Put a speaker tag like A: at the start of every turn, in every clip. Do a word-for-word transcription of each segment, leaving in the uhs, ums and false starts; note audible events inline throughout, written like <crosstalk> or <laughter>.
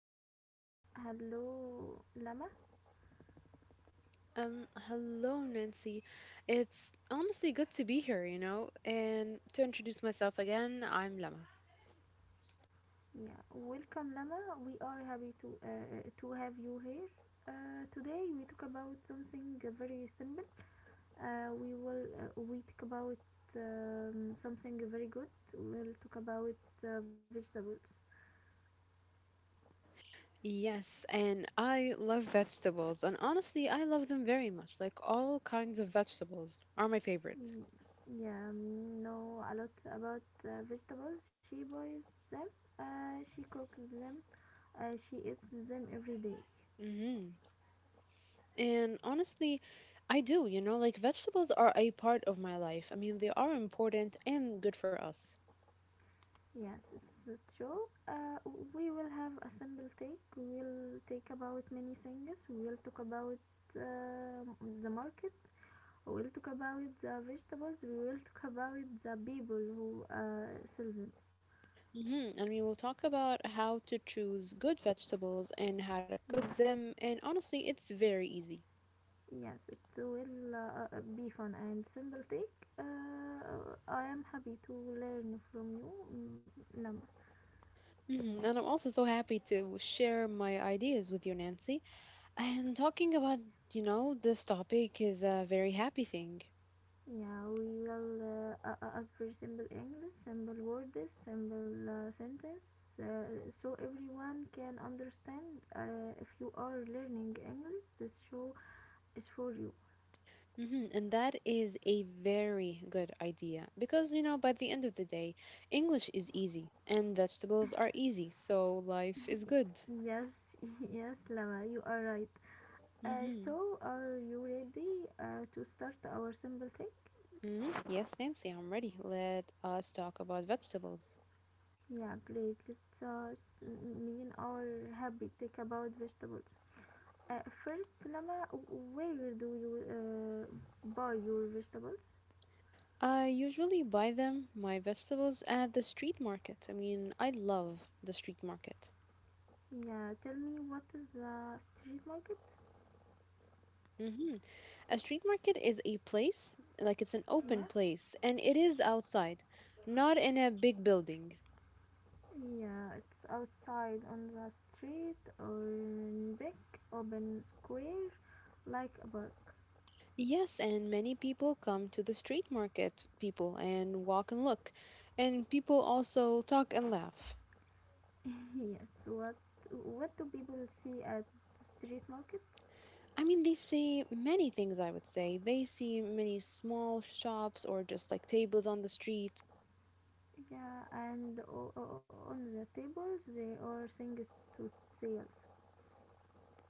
A: Nancy. Hello, Lama.
B: Um, hello, Nancy. It's honestly good to be here, you know. And to introduce myself again, I'm Lama.
A: Yeah, welcome, Lama. We are happy to uh, uh, to have you here. Uh, today we talk about something very simple. Uh, we will uh, we talk about um, something very good. We'll talk about uh, vegetables.
B: Yes, and I love vegetables, and honestly, I love them very much. Like all kinds of vegetables are my favorite.
A: Y- Yeah, um, know a lot about uh, vegetables. She boils them. Uh, she cooks them. Uh, she eats them every day.
B: hmm And honestly, I do, you know, like vegetables are a part of my life. I mean, they are important and good for us.
A: Yes, it's, it's true. Uh, we will have a simple take. We will take about many things. We will talk about uh, the market. We will talk about the vegetables. We will talk about the people who uh, sell them.
B: hmm And we will talk about how to choose good vegetables and how to
A: Yeah,
B: cook them. And honestly, it's very easy.
A: yes, it will uh, uh, be fun and simple take. Uh, I am happy to learn from you, Nam.
B: Mhm. And I'm also so happy to share my ideas with you, Nancy. And talking about, you know, this topic is a very happy thing.
A: Yeah, we will uh, uh, uh, ask very simple English, simple words, simple uh, sentence, uh, so everyone can understand. Uh, if you are learning English, this show is for you.
B: hmm And that is a very good idea because, you know, by the end of the day, English is easy and vegetables are easy, so life is good.
A: <laughs> Yes, <laughs> yes, Lama, you are right. Uh,
B: hmm
A: so, are you ready uh, to start our simple thing?
B: hmm Yes, Nancy, I'm ready. Let us talk about vegetables.
A: Yeah, great. Let's uh, s- mean our habit. Take about vegetables. Uh, first, Lama, where do you uh, buy your vegetables?
B: I usually buy them, my vegetables, at the street market. I mean, I love the street market.
A: Yeah, tell me, what is the street market?
B: Mhm. A street market is a place, like it's an
A: Yeah,
B: open place, and it is outside, not in a big building.
A: yeah, it's outside on the street or in big open square, like a park.
B: Yes, and many people come to the street market, people, and walk and look. And people also talk and laugh.
A: <laughs> Yes, what what do people see at the street market?
B: I mean, they see many things, I would say. They see many small shops or just like tables on the street.
A: Yeah, and o- o- on the tables there are things to sell.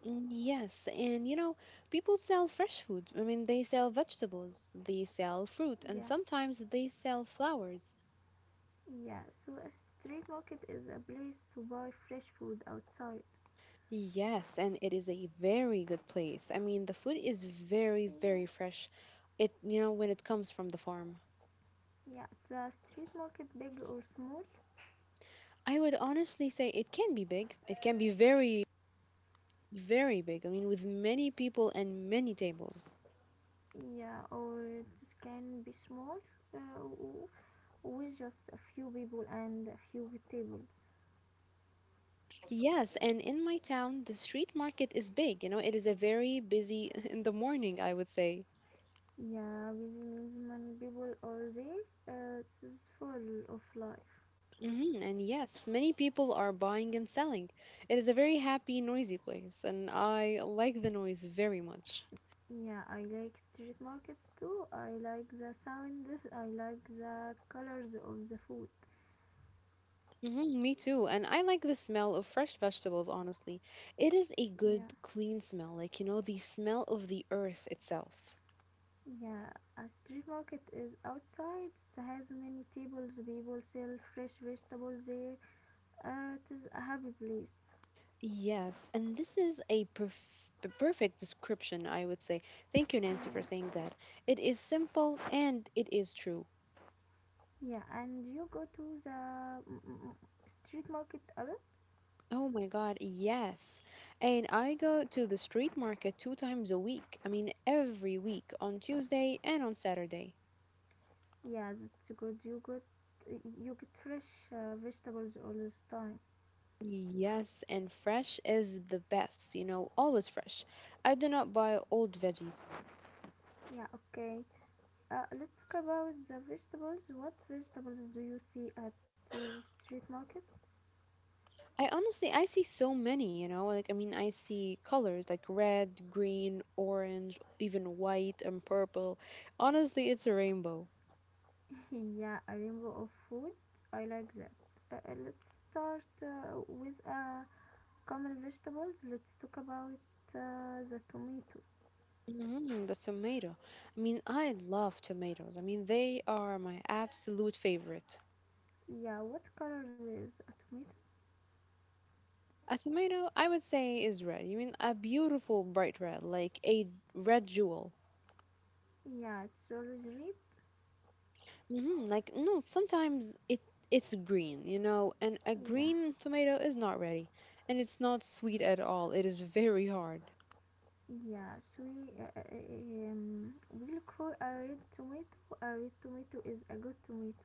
B: Mm, Yes, and you know, people sell fresh food. I mean, they sell vegetables, they sell fruit, and
A: Yeah,
B: sometimes they sell flowers.
A: Yeah, so a street market is a place to buy fresh food outside.
B: Yes, and it is a very good place. I mean, the food is very, very
A: Yeah,
B: fresh. It, you know, when it comes from the farm.
A: yeah. The street market big or small?
B: I would honestly say it can be big. It can be very, very big. I mean, with many people and many tables.
A: Yeah, or it can be small, uh, w- with just a few people and a few tables.
B: Yes, and in my town, the street market is big. You know, it is a very busy <laughs> in the morning, I would say.
A: Yeah, busy means many people are there. Uh, it's full of life.
B: hmm And yes, many people are buying and selling. It is a very happy, noisy place, and I like the noise very much.
A: Yeah, I like street markets too. I like the sound. <laughs> I like the colors of the food.
B: Hmm me too. And I like the smell of fresh vegetables, honestly. It is a good,
A: Yeah.
B: clean smell, like, you know, the smell of the earth itself.
A: Yeah, a street market is outside. It has many tables. People sell fresh vegetables there. Uh, it is a happy place.
B: Yes, and this is a perf- p- perfect description, I would say. Thank you, Nancy, for
A: Yeah,
B: saying that. It is simple and it is true.
A: yeah. And you go to the mm, mm, mm, street market alone?
B: Oh my God, yes. And I go to the street market two times a week. I mean, every week on Tuesday and on Saturday.
A: Yeah, that's good. You got you get fresh uh, vegetables all this time.
B: Yes, and fresh is the best, you know, always fresh. I do not buy old veggies.
A: Yeah, okay. Uh, let's talk about the vegetables. What vegetables do you see at uh, the street market?
B: I honestly, I see so many, you know, like I mean, I see colors like red, green, orange, even white and purple. Honestly, it's a rainbow.
A: <laughs> Yeah, a rainbow of food. I like that. Uh, uh, let's start uh, with uh, common vegetables. Let's talk about uh, the tomato.
B: Hmm the tomato. I mean, I love tomatoes. I mean, they are my absolute favorite.
A: Yeah, what color is a tomato?
B: A tomato, I would say, is red. You mean a beautiful bright red, like a red jewel.
A: Yeah, it's always red.
B: hmm Like no, sometimes it it's green, you know, and a
A: Yeah,
B: green tomato is not ready, and it's not sweet at all. It is very hard.
A: yeah. So we, uh, uh, uh, um, we'll call a red tomato. A red tomato is a good tomato.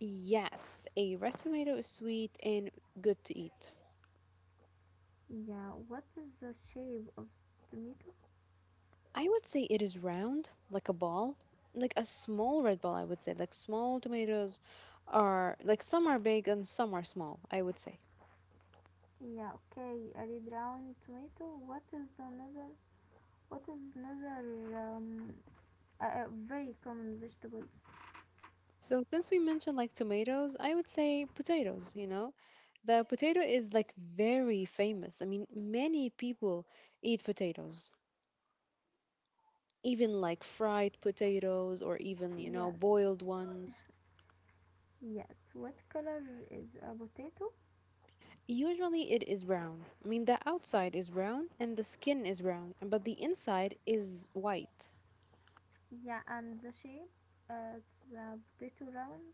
B: Yes, a red tomato is sweet and good to eat.
A: Yeah, what is the shape of the tomato?
B: I would say it is round, like a ball, like a small red ball. I would say like small tomatoes are like some are big and some are small. I would say.
A: Yeah, okay, a red round tomato. What is another? What is another um, uh, very common vegetables?
B: So since we mentioned like tomatoes, I would say potatoes, you know. The potato is like very famous. I mean, many people eat potatoes, even like fried potatoes or even, you know,
A: Yes,
B: boiled ones.
A: yes. What color is a potato?
B: Usually it is brown. I mean, the outside is brown and the skin is brown, but the inside is white.
A: Yeah, and the shape? Uh, it's potato round?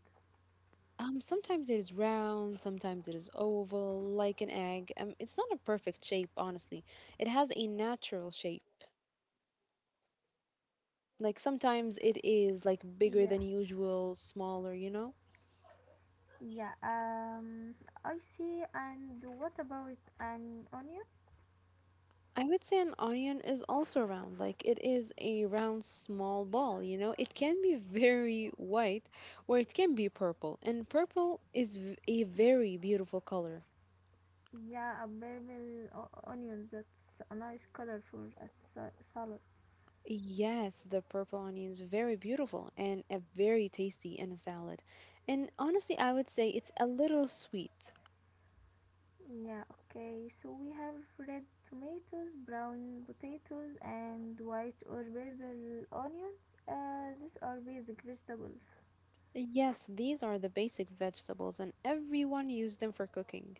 B: Um, sometimes it is round, sometimes it is oval, like an egg. Um, it's not a perfect shape, honestly. It has a natural shape. Like sometimes it is like bigger
A: Yes.
B: than usual, smaller, you know?
A: Yeah, um, I see. And what about an onion?
B: I would say an onion is also round. Like it is a round, small ball, you know? It can be very white or it can be purple. And purple is v- a very beautiful color.
A: Yeah, a purple onion. That's a nice color for a salad.
B: Yes, the purple onion is very beautiful and a very tasty in a salad. And honestly, I would say it's a little sweet.
A: Yeah, okay. So we have red tomatoes, brown potatoes, and white or purple onions. Uh, these are basic vegetables.
B: Yes, these are the basic vegetables, and everyone used them for cooking.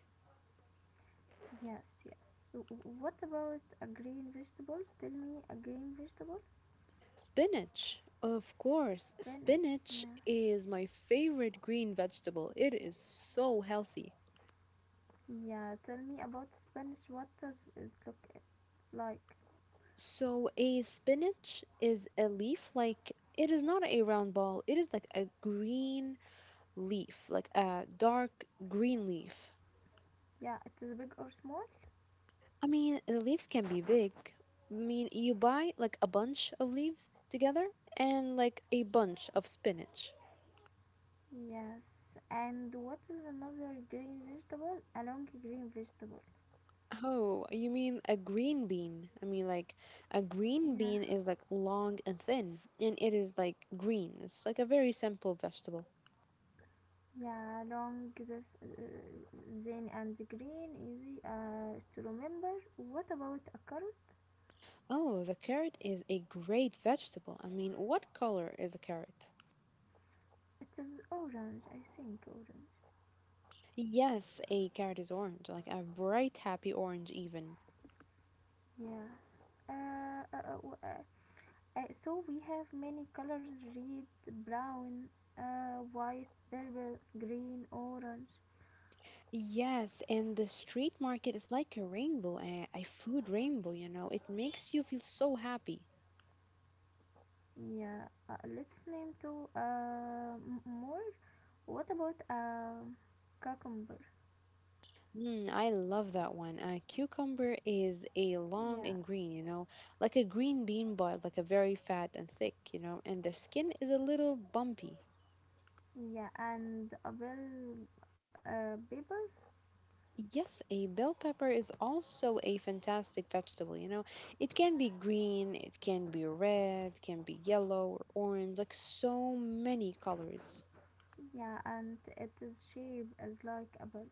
A: Yes, yes. So what about a green vegetables? Tell me a green vegetable.
B: Spinach, of course.
A: Spinach.
B: Spinach
A: Yeah.
B: is my favorite green vegetable. It is so healthy.
A: Yeah, tell me about spinach. What does it look like?
B: So, a spinach is a leaf like it is not a round ball, it is like a green leaf, like a dark green leaf.
A: Yeah, it is big or small?
B: I mean, the leaves can be big. I mean, you buy like a bunch of leaves together and like a bunch of spinach.
A: Yes. And what is another green vegetable? A long green vegetable.
B: Oh, you mean a green bean? I mean, like, a green
A: Yeah.
B: bean is like long and thin, and it is like green. It's like a very simple vegetable.
A: Yeah, long this uh, thin and green, easy uh, to remember. What about a carrot?
B: Oh, the carrot is a great vegetable. I mean, what color is a carrot?
A: It is orange, I think orange.
B: Yes, a carrot is orange, like a bright, happy orange, even.
A: Yeah. Uh, uh, uh, w- uh, uh, so we have many colors: red, brown, uh, white, purple, green, orange.
B: Yes, and the street market is like a rainbow, a, a food rainbow, you know. It makes you feel so happy.
A: Yeah. Uh, let's name two uh, m- more. What about uh, cucumber?
B: Mm, I love that one. A cucumber is a long
A: Yeah.
B: and green, you know, like a green bean, but like a very fat and thick, you know, and the skin is a little bumpy.
A: Yeah, and a bell uh, paper.
B: Yes, a bell pepper is also a fantastic vegetable, you know. It can be green, it can be red, can be yellow or orange, like so many colors.
A: Yeah, and it is shape is like a bell.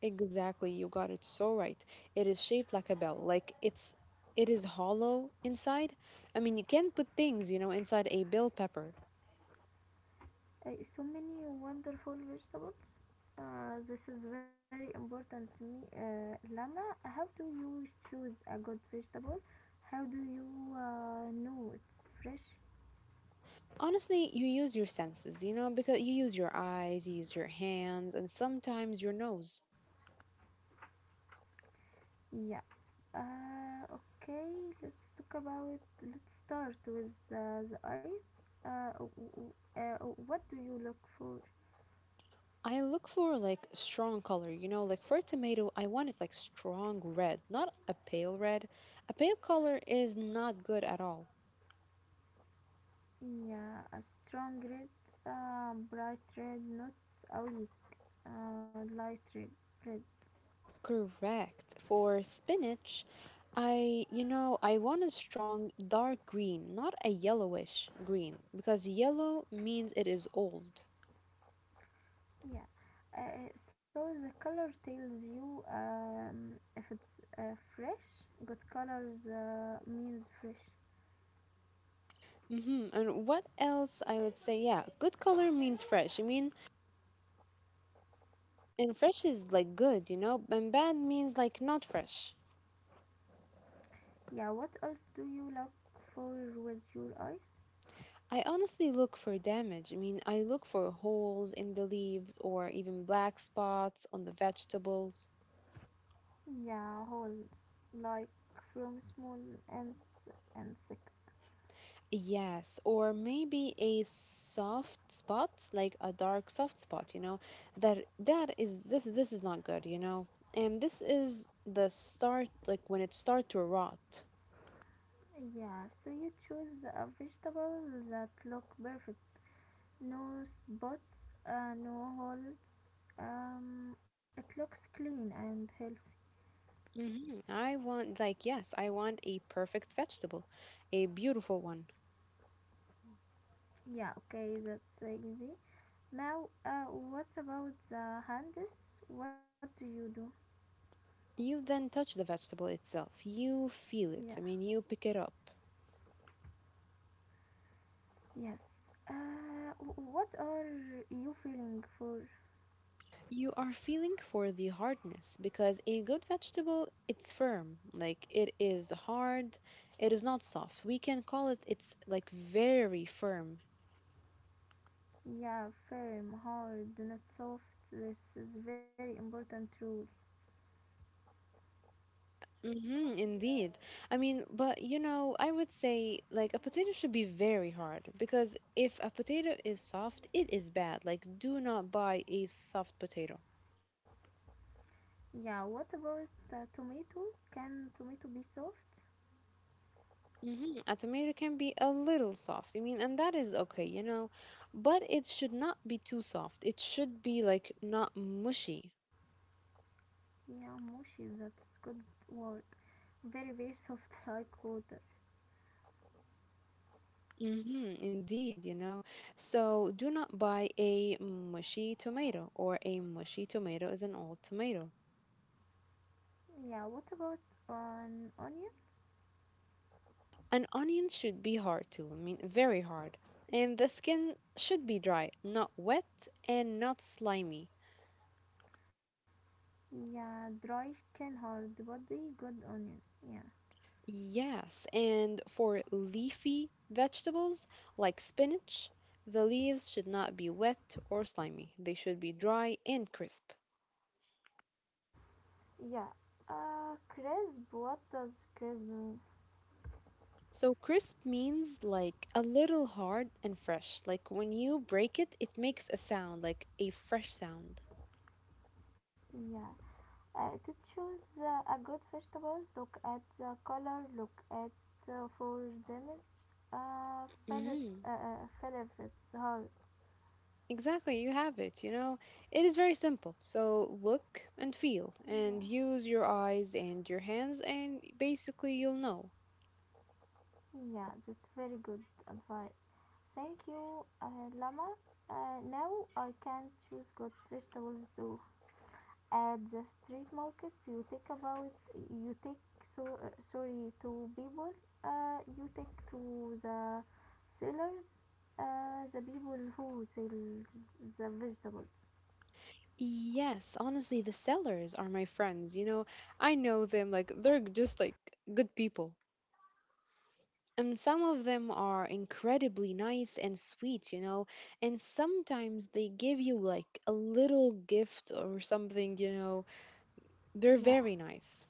B: Exactly, you got it so right. It is shaped like a bell, like it's it is hollow inside. I mean, you can put things, you know, inside a bell pepper.
A: Uh, so many wonderful vegetables. Uh, this is very important to me. Uh, Lama, how do you choose a good vegetable? How do you uh, know it's fresh?
B: Honestly, you use your senses, you know, because you use your eyes, you use your hands, and sometimes your nose.
A: Yeah. Uh, okay, let's talk about. Let's start with uh, the eyes. Uh, w- w- uh, what do you look for?
B: I look for like strong color, you know, like for a tomato, I want it like strong red, not a pale red. A pale color is not good at all.
A: Yeah, a strong red, uh, bright red, not a weak uh, light red, red.
B: Correct. For spinach, I, you know, I want a strong dark green, not a yellowish green, because yellow means it is old.
A: Yeah, uh, uh, so the color tells you, um, if it's uh, fresh, good colors uh, means fresh.
B: Mm-hmm. And what else I would say? Yeah, good color means fresh. I mean, and fresh is like good, you know, and bad means like not fresh.
A: Yeah, what else do you look for with your eyes?
B: I honestly look for damage. I mean, I look for holes in the leaves or even black spots on the vegetables.
A: Yeah, holes like from small ins- insect.
B: Yes, or maybe a soft spot, like a dark soft spot, you know, that that is this this is not good, you know. And this is the start like when it start to rot.
A: Yeah, so you choose a vegetable that look perfect, no spots, uh, no holes, um, it looks clean and healthy.
B: hmm I want like yes, I want a perfect vegetable, a beautiful one.
A: Yeah, okay, that's easy. Now, uh, what about the hands? What do you do?
B: You then touch the vegetable itself. You feel
A: Yeah,
B: it. I mean, you pick it up.
A: yes. Uh, wh- what are you feeling for?
B: You are feeling for the hardness because a good vegetable, it's firm. Like, it is hard. It is not soft. We can call it, it's like very firm.
A: Yeah, firm, hard, not soft. This is very important rule.
B: Mm-hmm, indeed. I mean, but you know, I would say like a potato should be very hard because if a potato is soft, it is bad. Like, do not buy a soft potato.
A: Yeah, what about the tomato? Can tomato be soft?
B: Mm-hmm. A tomato can be a little soft. I mean, and that is okay, you know, but it should not be too soft. It should be like not mushy.
A: Yeah, mushy, that's good word. Very, very soft, <laughs> like water.
B: Mm-hmm. Indeed, you know. So do not buy a mushy tomato, or a mushy tomato is an old tomato.
A: Yeah, what about on onion?
B: An onion should be hard too. I mean, very hard. And the skin should be dry, not wet, and not slimy.
A: Yeah, Droichen hard body, good onion. Yeah.
B: Yes, and for leafy vegetables like spinach, the leaves should not be wet or slimy. They should be dry and crisp.
A: Yeah. Uh, crisp. What does crisp mean?
B: So crisp means like a little hard and fresh. Like when you break it, it makes a sound, like a fresh sound.
A: Yeah. Uh, to choose uh, a good vegetable, look at the color, look at uh, for damage, uh, fill it,
B: hmm
A: uh, uh, fill if it's hard.
B: Exactly, you have it. You know, it is very simple. So look and feel and
A: Yeah.
B: use your eyes and your hands, and basically you'll know.
A: Yeah, that's very good advice. Thank you, uh, Lama. Uh, now I can choose good vegetables to at the street market, you take about you take so, uh, sorry to people, uh, you take to the sellers, uh, the people who sell the vegetables.
B: Yes, honestly, the sellers are my friends. You know, I know them, like, they're just like good people. And some of them are incredibly nice and sweet, you know, and sometimes they give you like a little gift or something, you know. They're
A: Yeah,
B: very nice.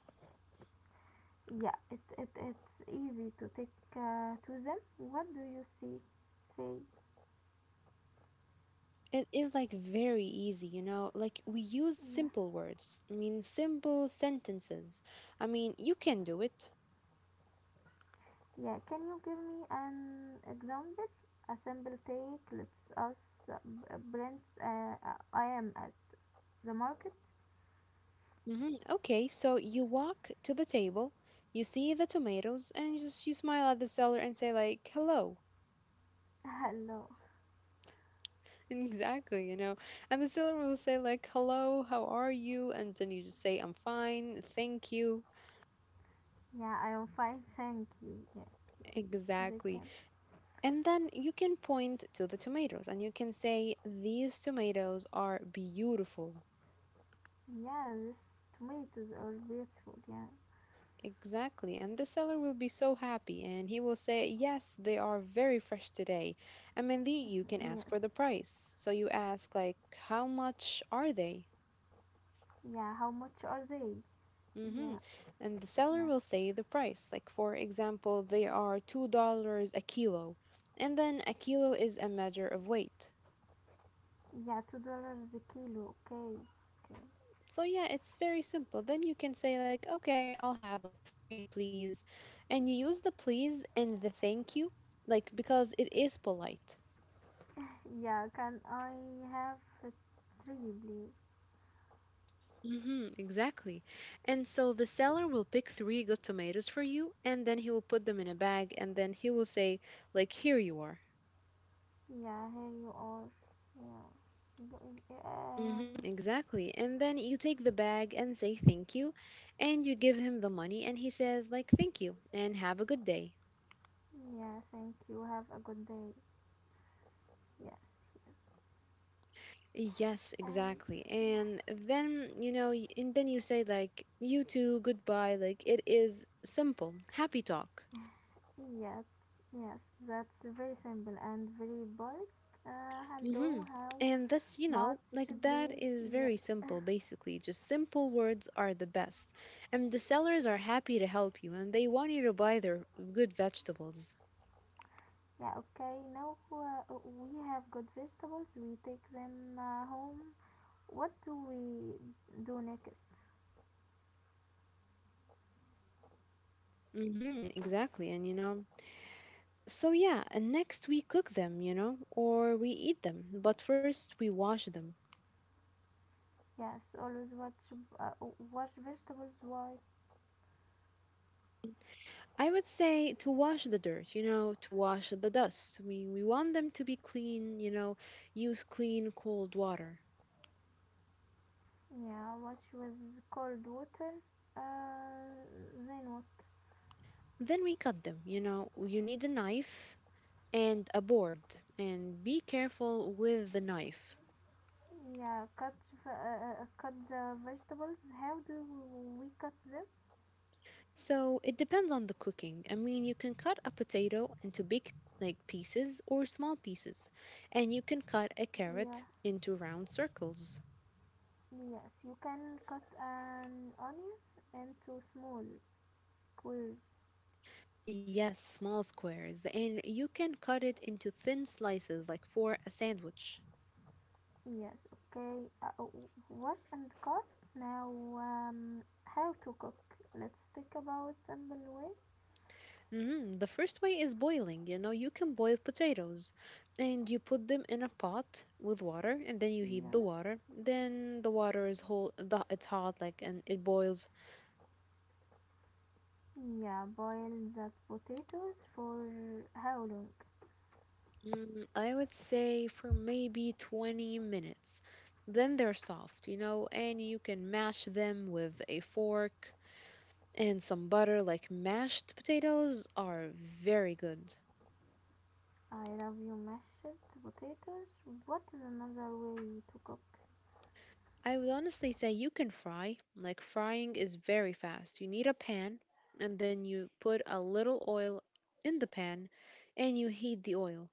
A: yeah, it, it it's easy to take uh, to them. What do you see say?
B: It is like very easy, you know, like we use simple
A: Yeah,
B: words, I mean, simple sentences. I mean, you can do it.
A: yeah, can you give me an example, a simple take? Let's us, uh, b- brent, uh, I am at the market.
B: hmm Okay, so you walk to the table, you see the tomatoes, and you just you smile at the seller and say like, "Hello."
A: <laughs> Hello.
B: <laughs> Exactly, you know. And the seller will say like, "Hello, how are you?" And then you just say, "I'm fine, thank you."
A: Yeah, I am fine, thank you. Yes, yes, they
B: Exactly.
A: can.
B: And then you can point to the tomatoes and you can say, these tomatoes are beautiful.
A: Yeah, these tomatoes are beautiful. Yeah,
B: Exactly. And the seller will be so happy and he will say, yes, they are very fresh today. And Mindy, you can
A: <laughs> yes.
B: ask for the price. So you ask, like, how much are they?
A: Yeah, how much are they?
B: Mm-hmm.
A: Yeah,
B: And the seller
A: yeah,
B: will say the price. Like, for example, they are two dollars a kilo. And then a kilo is a measure of weight.
A: yeah. Two dollars a kilo. Okay, okay.
B: So yeah, it's very simple. Then you can say, like, okay, I'll have like three, please. And you use the please and the thank you, like, because it is polite.
A: <laughs> Yeah, can I have uh, three, please?
B: Hmm exactly. And so the seller will pick three good tomatoes for you, and then he will put them in a bag, and then he will say, like, here you are.
A: Yeah, here you are. Yeah. B-
B: hmm
A: Um.
B: exactly. And then you take the bag and say thank you, and you give him the money, and he says, like, thank you, and have a good day.
A: Yeah, thank you. Have a good day. Yes, yes.
B: Yes,
A: And
B: exactly.
A: yeah.
B: And then, you know, y- and then you say, like, you too, goodbye. Like, it is simple, happy talk.
A: Yes, yes, that's very simple and very polite. Uh,
B: Mm-hmm.
A: hello, how
B: And that's, you know,
A: much,
B: like that
A: please?
B: is
A: Yeah,
B: very
A: <laughs>
B: simple, basically. Just simple words are the best. And the sellers are happy to help you and they want you to buy their good vegetables.
A: yeah, okay. Now uh, we have good vegetables. We take them uh, home. What do we do next?
B: Mm-hmm, exactly. And, you know, so yeah, and next we cook them, you know, or we eat them. But first we wash them.
A: Yes, always watch uh, wash vegetables. Why?
B: I would say to wash the dirt, you know, to wash the dust. We, we want them to be clean, you know, use clean, cold water.
A: Yeah, wash with cold water. Uh, then what?
B: Then we cut them, you know, you need a knife and a board and be careful with the knife.
A: Yeah, cut v- uh, uh, cut the vegetables. How do we cut them?
B: So it depends on the cooking. I mean, you can cut a potato into big like pieces or small pieces, and you can cut a
A: Yeah.
B: carrot into round circles.
A: Yes, you can cut an onion into small squares.
B: Yes, small squares, and you can cut it into thin slices like for a sandwich.
A: Yes, okay. Uh, w- wash and cut. Now, um, how to cook? Let's talk about simple way.
B: hmm The first way is boiling. You know, you can boil potatoes and you put them in a pot with water and then you heat the
A: Yeah,
B: water. Then the water is whole, the, it's hot, like, and it boils.
A: yeah. Boil the potatoes for how long?
B: Mm, I would say for maybe twenty minutes. Then they're soft, you know, and you can mash them with a fork and some butter. Like, mashed potatoes are very good.
A: I love you mashed potatoes. What is another way to cook?
B: I would honestly say you can fry. Like frying is very fast. You need a pan and then you put a little oil in the pan and you heat the oil.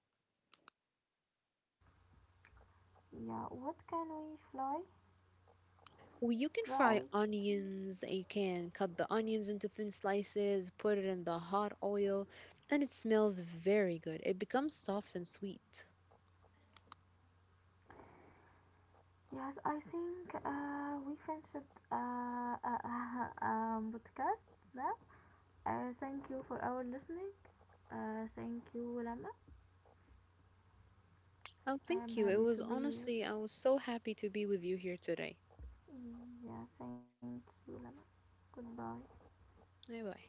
A: Yeah, what can we fry?
B: Well, you can
A: Fry.
B: fry onions, and you can cut the onions into thin slices, put it in the hot oil, and it smells very good. It becomes soft and sweet.
A: Yes, I think uh, we finished uh, uh, <laughs> um, podcast now. Uh, thank you for our listening. Uh, thank you, Lama.
B: Oh,
A: I
B: thank
A: am
B: you. It
A: happy
B: was
A: to be here.
B: honestly, I was so happy to be with you here today.
A: Mm, yeah, thank you, Lama. Goodbye.
B: Bye bye.